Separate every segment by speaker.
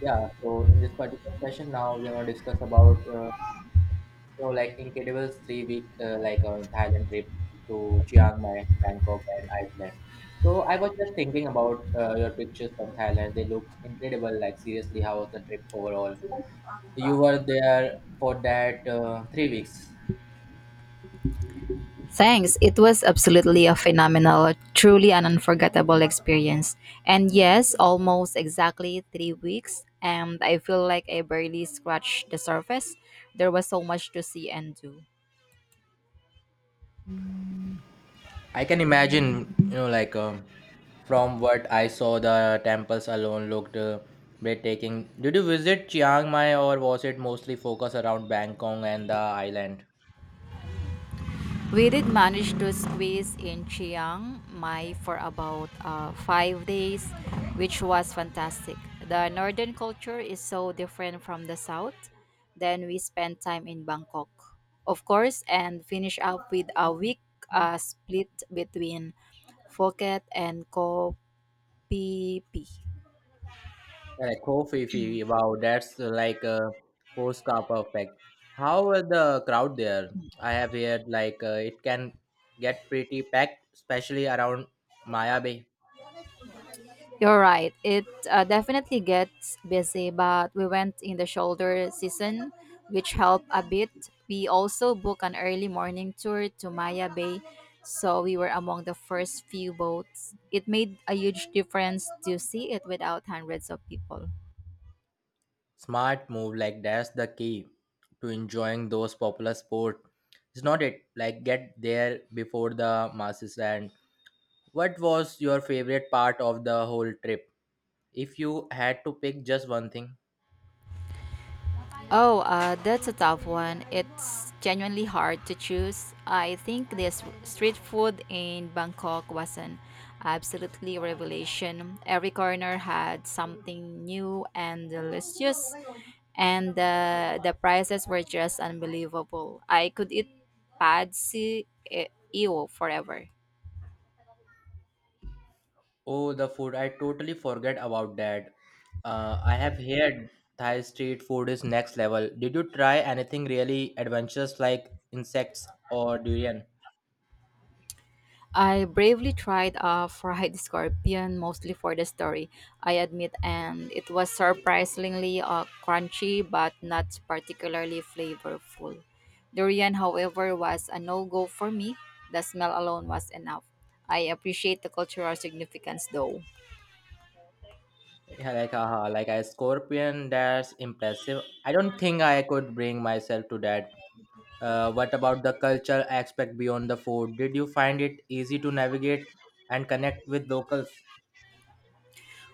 Speaker 1: Yeah, so in this particular session now we're gonna discuss about Incredibles 3 week Thailand trip to Chiang Mai, Bangkok, and Iceland. So I was just thinking about your pictures from Thailand. They look incredible. Like seriously, how was the trip overall? You were there for that 3 weeks.
Speaker 2: Thanks. It was absolutely a phenomenal, truly an unforgettable experience. And yes, almost exactly 3 weeks, and I feel like I barely scratched the surface. There was so much to see and do.
Speaker 1: I can imagine, from what I saw, the temples alone looked breathtaking. Did you visit Chiang Mai or was it mostly focused around Bangkok and the island?
Speaker 2: We did manage to squeeze in Chiang Mai for about 5 days, which was fantastic. The northern culture is so different from the south. Then we spent time in Bangkok, of course, and finish up with a week split between Phuket and Koh Phi Phi.
Speaker 1: Yeah. Like, Koh Phi Phi, wow, that's like a postcard perfect. How were the crowd there? I have heard it can get pretty packed, especially around Maya Bay.
Speaker 2: You're right. It definitely gets busy, but we went in the shoulder season, which helped a bit. We also booked an early morning tour to Maya Bay, so we were among the first few boats. It made a huge difference to see it without hundreds of people.
Speaker 1: Smart move, like that's the key to enjoying those popular sport. It's not it like get there before the masses. And what was your favorite part of the whole trip? If you had to pick just one thing,
Speaker 2: Oh, that's a tough one. It's genuinely hard to choose. I think this street food in Bangkok was an absolutely revelation. Every corner had something new and delicious, and the prices were just unbelievable. I could eat pad see ew forever.
Speaker 1: oh, the food. I totally forget about that. I have heard Thai street food is next level. Did you try anything really adventurous like insects or durian?
Speaker 2: I bravely tried a fried scorpion mostly for the story, I admit, and it was surprisingly crunchy but not particularly flavorful. Durian, however, was a no go for me. The smell alone was enough. I appreciate the cultural significance though.
Speaker 1: Yeah, like a scorpion. That's impressive. I don't think I could bring myself to that. What about the cultural aspect beyond the food? Did you find it easy to navigate and connect with locals?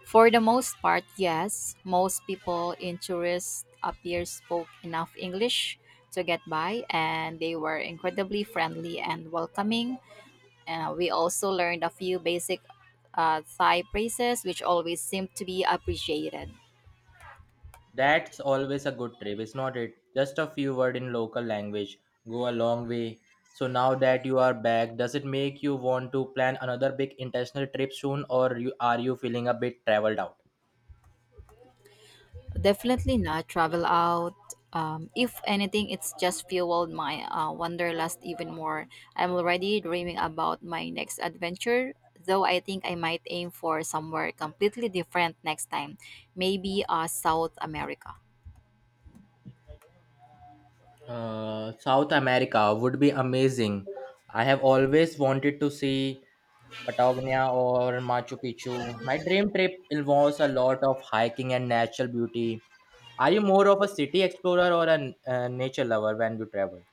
Speaker 2: For the most part, yes, most people in tourist appear spoke enough English to get by, and they were incredibly friendly and welcoming. And we also learned a few basic Thai phrases, which always seem to be appreciated.
Speaker 1: That's always a good trip. It's not it. Just a few word in local language go a long way. So now that you are back, does it make you want to plan another big international trip soon, or are you feeling a bit traveled out?
Speaker 2: Definitely not travel out. If anything, it's just fueled my wanderlust even more. I'm already dreaming about my next adventure, though I think I might aim for somewhere completely different next time. Maybe South America.
Speaker 1: South America would be amazing. I have always wanted to see Patagonia or Machu Picchu. My dream trip involves a lot of hiking and natural beauty. Are you more of a city explorer or a nature lover when you travel?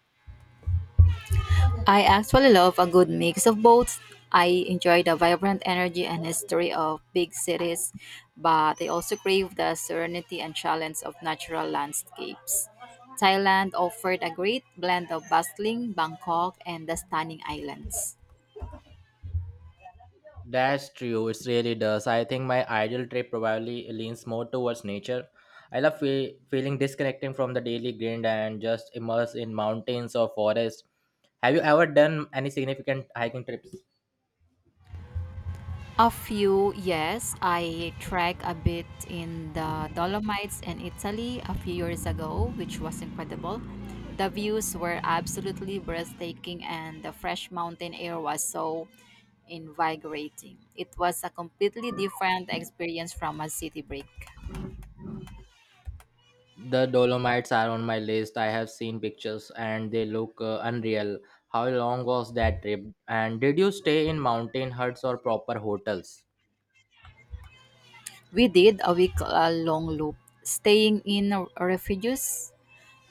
Speaker 2: I actually love a good mix of both. I enjoy the vibrant energy and history of big cities, but I also crave the serenity and challenge of natural landscapes. Thailand offered a great blend of bustling Bangkok and the stunning islands.
Speaker 1: That's true. It really does. I think my ideal trip probably leans more towards nature. I love feeling disconnecting from the daily grind and just immersed in mountains or forests. Have you ever done any significant hiking trips?
Speaker 2: A few, yes. I trek a bit in the Dolomites in Italy a few years ago, which was incredible. The views were absolutely breathtaking, and the fresh mountain air was so invigorating. It was a completely different experience from a city break.
Speaker 1: The Dolomites are on my list. I have seen pictures and they look unreal. How long was that trip? And did you stay in mountain huts or proper hotels?
Speaker 2: We did a week long loop, staying in refuges,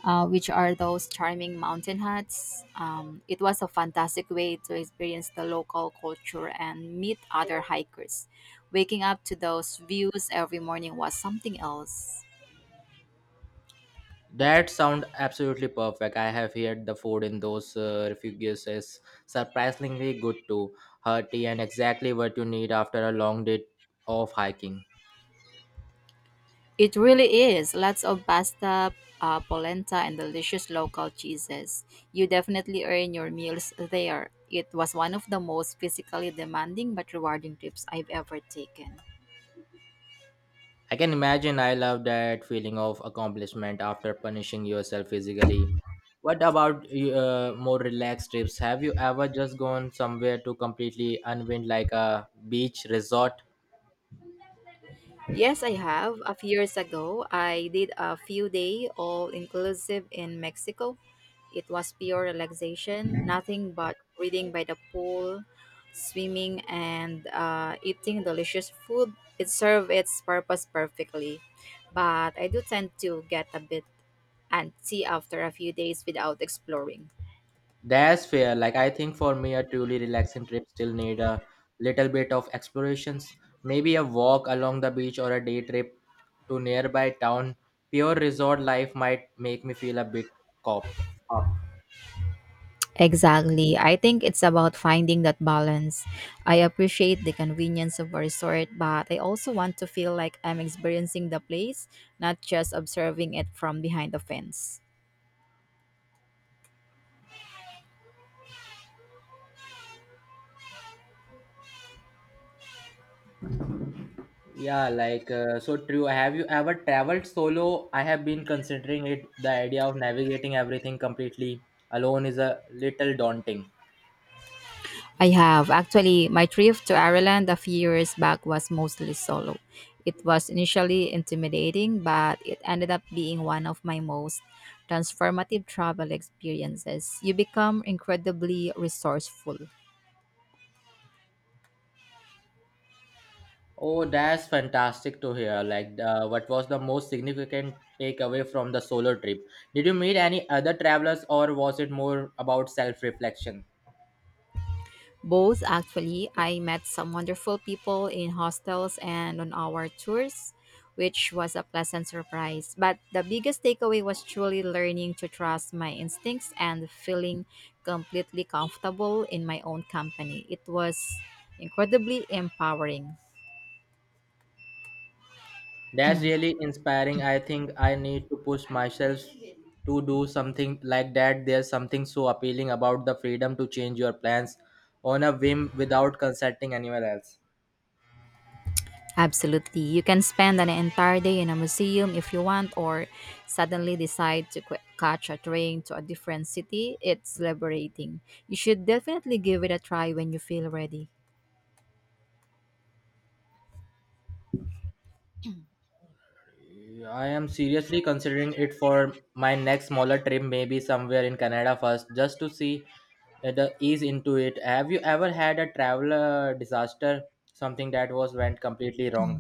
Speaker 2: which are those charming mountain huts. It was a fantastic way to experience the local culture and meet other hikers. Waking up to those views every morning was something else.
Speaker 1: That sound absolutely perfect. I have heard the food in those refuges is surprisingly good too, hearty and exactly what you need after a long day of hiking.
Speaker 2: It really is. Lots of pasta, polenta, and delicious local cheeses. You definitely earn your meals there. It was one of the most physically demanding but rewarding trips I've ever taken.
Speaker 1: I can imagine I love that feeling of accomplishment after punishing yourself physically. What about more relaxed trips? Have you ever just gone somewhere to completely unwind, like a beach resort?
Speaker 2: Yes, I have. A few years ago, I did a few day all inclusive in Mexico. It was pure relaxation, nothing but reading by the pool, swimming, and eating delicious food. It served its purpose perfectly. But I do tend to get a bit antsy after a few days without exploring.
Speaker 1: That's fair. Like I think for me, a truly relaxing trip still need a little bit of explorations. Maybe a walk along the beach or a day trip to nearby town. Pure resort life might make me feel a bit copped up.
Speaker 2: Exactly. I think it's about finding that balance. I appreciate the convenience of a resort, but I also want to feel like I'm experiencing the place, not just observing it from behind the fence.
Speaker 1: Yeah, so true. Have you ever traveled solo? I have been considering it. The idea of navigating everything completely alone is a little daunting.
Speaker 2: I have. Actually, my trip to Ireland a few years back was mostly solo. It was initially intimidating, but it ended up being one of my most transformative travel experiences. You become incredibly resourceful.
Speaker 1: Oh, that's fantastic to hear. What was the most significant takeaway from the solo trip? Did you meet any other travelers, or was it more about self reflection?
Speaker 2: Both, actually. I met some wonderful people in hostels and on our tours, which was a pleasant surprise. But the biggest takeaway was truly learning to trust my instincts and feeling completely comfortable in my own company. It was incredibly empowering.
Speaker 1: That's really inspiring. I think I need to push myself to do something like that. There's something so appealing about the freedom to change your plans on a whim without consulting anyone else.
Speaker 2: Absolutely. You can spend an entire day in a museum if you want, or suddenly decide to catch a train to a different city. It's liberating. You should definitely give it a try when you feel ready.
Speaker 1: Yeah, I am seriously considering it for my next smaller trip, maybe somewhere in Canada first, just to see the ease into it. Have you ever had a travel disaster, something that was went completely wrong?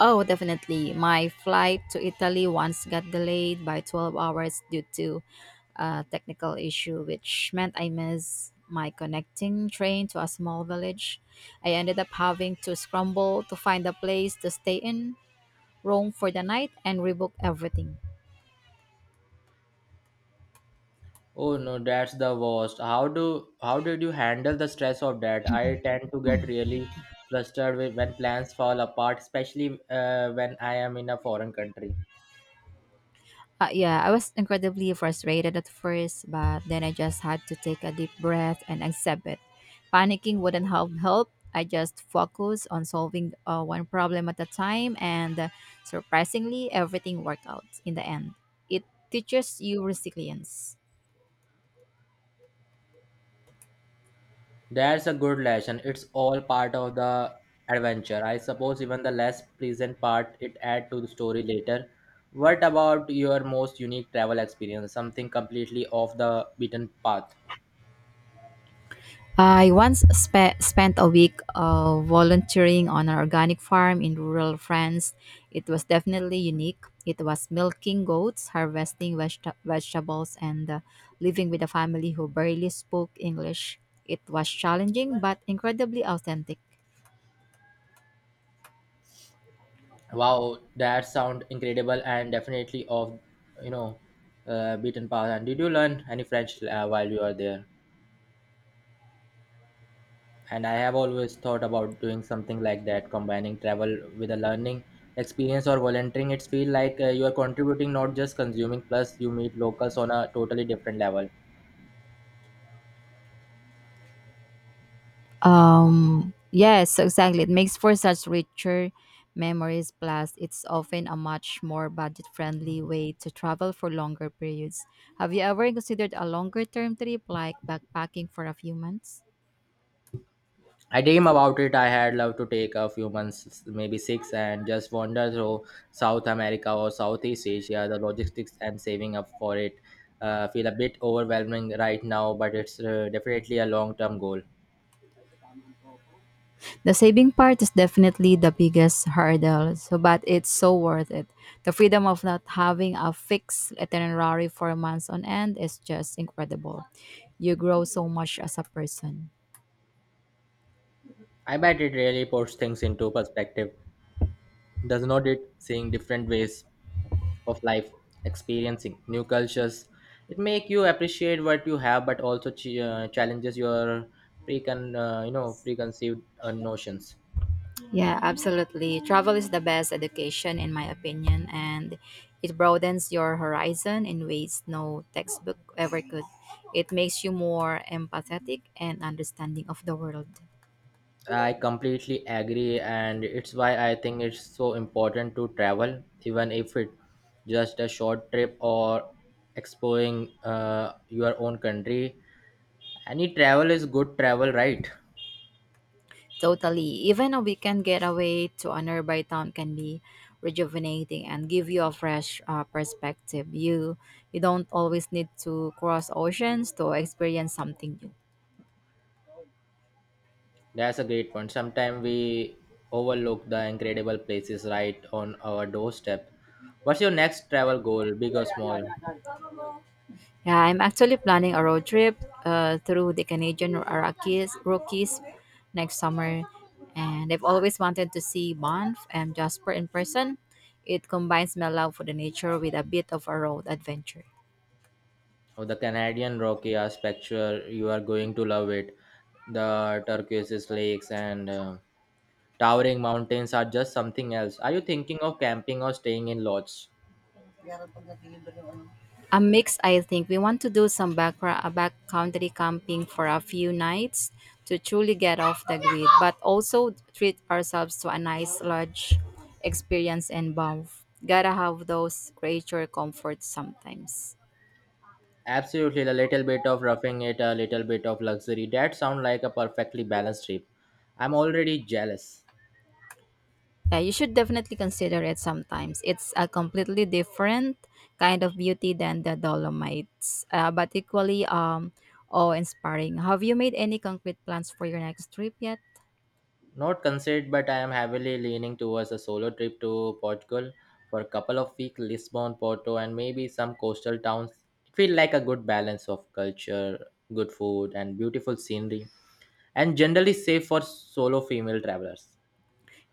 Speaker 2: Oh, definitely. My flight to Italy once got delayed by 12 hours due to a technical issue, which meant I missed my connecting train to a small village. I ended up having to scramble to find a place to stay in Rome for the night, and rebook everything.
Speaker 1: Oh no, that's the worst. How did you handle the stress of that? I tend to
Speaker 2: Uh,
Speaker 1: get really flustered when plans fall apart, especially when I am in a foreign country.
Speaker 2: yeah, I was incredibly frustrated at first, but then I just had to take a deep breath and accept it. Panicking wouldn't help. Help. I just focused on solving one problem at a time, and surprisingly, everything worked out in the end. It teaches you resilience.
Speaker 1: That's a good lesson. It's all part of the adventure. I suppose even the less pleasant part it add to the story later. What about your most unique travel experience? Something completely off the beaten path?
Speaker 2: I once spent a week volunteering on an organic farm in rural France. It was definitely unique. It was milking goats, harvesting vegetables, and living with a family who barely spoke English. It was challenging but incredibly authentic.
Speaker 1: Wow, that sound incredible and definitely of you know beaten path. And did you learn any French while you were there? And I have always thought about doing something like that, combining travel with a learning experience or volunteering. It's feel like you are contributing, not just consuming. Plus, you meet locals on a totally different level.
Speaker 2: Yes, exactly. It makes for such richer memories. Plus, it's often a much more budget friendly way to travel for longer periods. Have you ever considered a longer term trip like backpacking for a few months?
Speaker 1: I dream about it. I had love to take a few months, maybe six, and just wander through South America or Southeast Asia. The logistics and saving up for it feel a bit overwhelming right now, but it's definitely a long-term goal.
Speaker 2: The saving part is definitely the biggest hurdle, so, but it's so worth it. The freedom of not having a fixed itinerary for months on end is just incredible. You grow so much as a person.
Speaker 1: I bet it really puts things into perspective, does not it? Seeing different ways of life, experiencing new cultures, it make you appreciate what you have, but also ch- challenges your precon, you know, preconceived notions.
Speaker 2: Yeah, absolutely. Travel is the best education, in my opinion, and it broadens your horizon in ways no textbook ever could. It makes you more empathetic and understanding of the world.
Speaker 1: I completely agree, and it's why I think it's so important to travel, even if it just a short trip or exploring your own country. Any travel is good travel, right?
Speaker 2: Totally. Even a weekend getaway to a nearby town can be rejuvenating and give you a fresh perspective. You don't always need to cross oceans to experience something new.
Speaker 1: That's a great point. Sometimes we overlook the incredible places right on our doorstep. What's your next travel goal, big or small?
Speaker 2: Yeah, I'm actually planning a road trip through the Canadian Rockies, next summer, and I've always wanted to see Banff and Jasper in person. It combines my love for the nature with a bit of a road adventure.
Speaker 1: Oh, the Canadian Rocky are spectacular. You are going to love it. The turquoise lakes and towering mountains are just something else. Are you thinking of camping or staying in lodges?
Speaker 2: A mix, I think. We want to do some backcountry camping for a few nights to truly get off the grid, but also treat ourselves to a nice lodge experience in Banff. Gotta have those creature comforts sometimes.
Speaker 1: Absolutely, a little bit of roughing it, a little bit of luxury. That sounds like a perfectly balanced trip. I'm already jealous.
Speaker 2: Yeah, you should definitely consider it sometimes. It's a completely different kind of beauty than the Dolomites, but equally awe-inspiring. Have you made any concrete plans for your next trip yet?
Speaker 1: Not considered, but I am heavily leaning towards a solo trip to Portugal for a couple of weeks, Lisbon, Porto, and maybe some coastal towns. It feels like a good balance of culture, good food, and beautiful scenery, and generally safe for solo female travelers.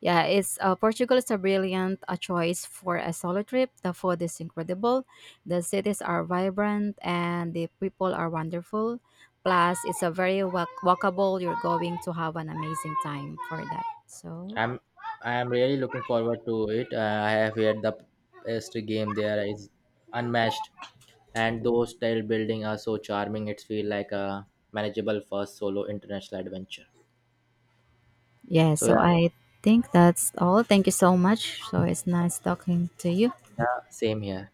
Speaker 2: Yeah, it's Portugal is a brilliant choice for a solo trip. The food is incredible, the cities are vibrant, and the people are wonderful. Plus, it's a very walkable. You're going to have an amazing time for that. So.
Speaker 1: I'm I am really looking forward to it. I have heard the best game there is unmatched, and those tile building are so charming. It feels like a manageable first solo international adventure.
Speaker 2: Yeah,
Speaker 1: So
Speaker 2: so
Speaker 1: yeah,
Speaker 2: I think that's all. Thank you so much. So it's nice talking to you.
Speaker 1: yeah, same here.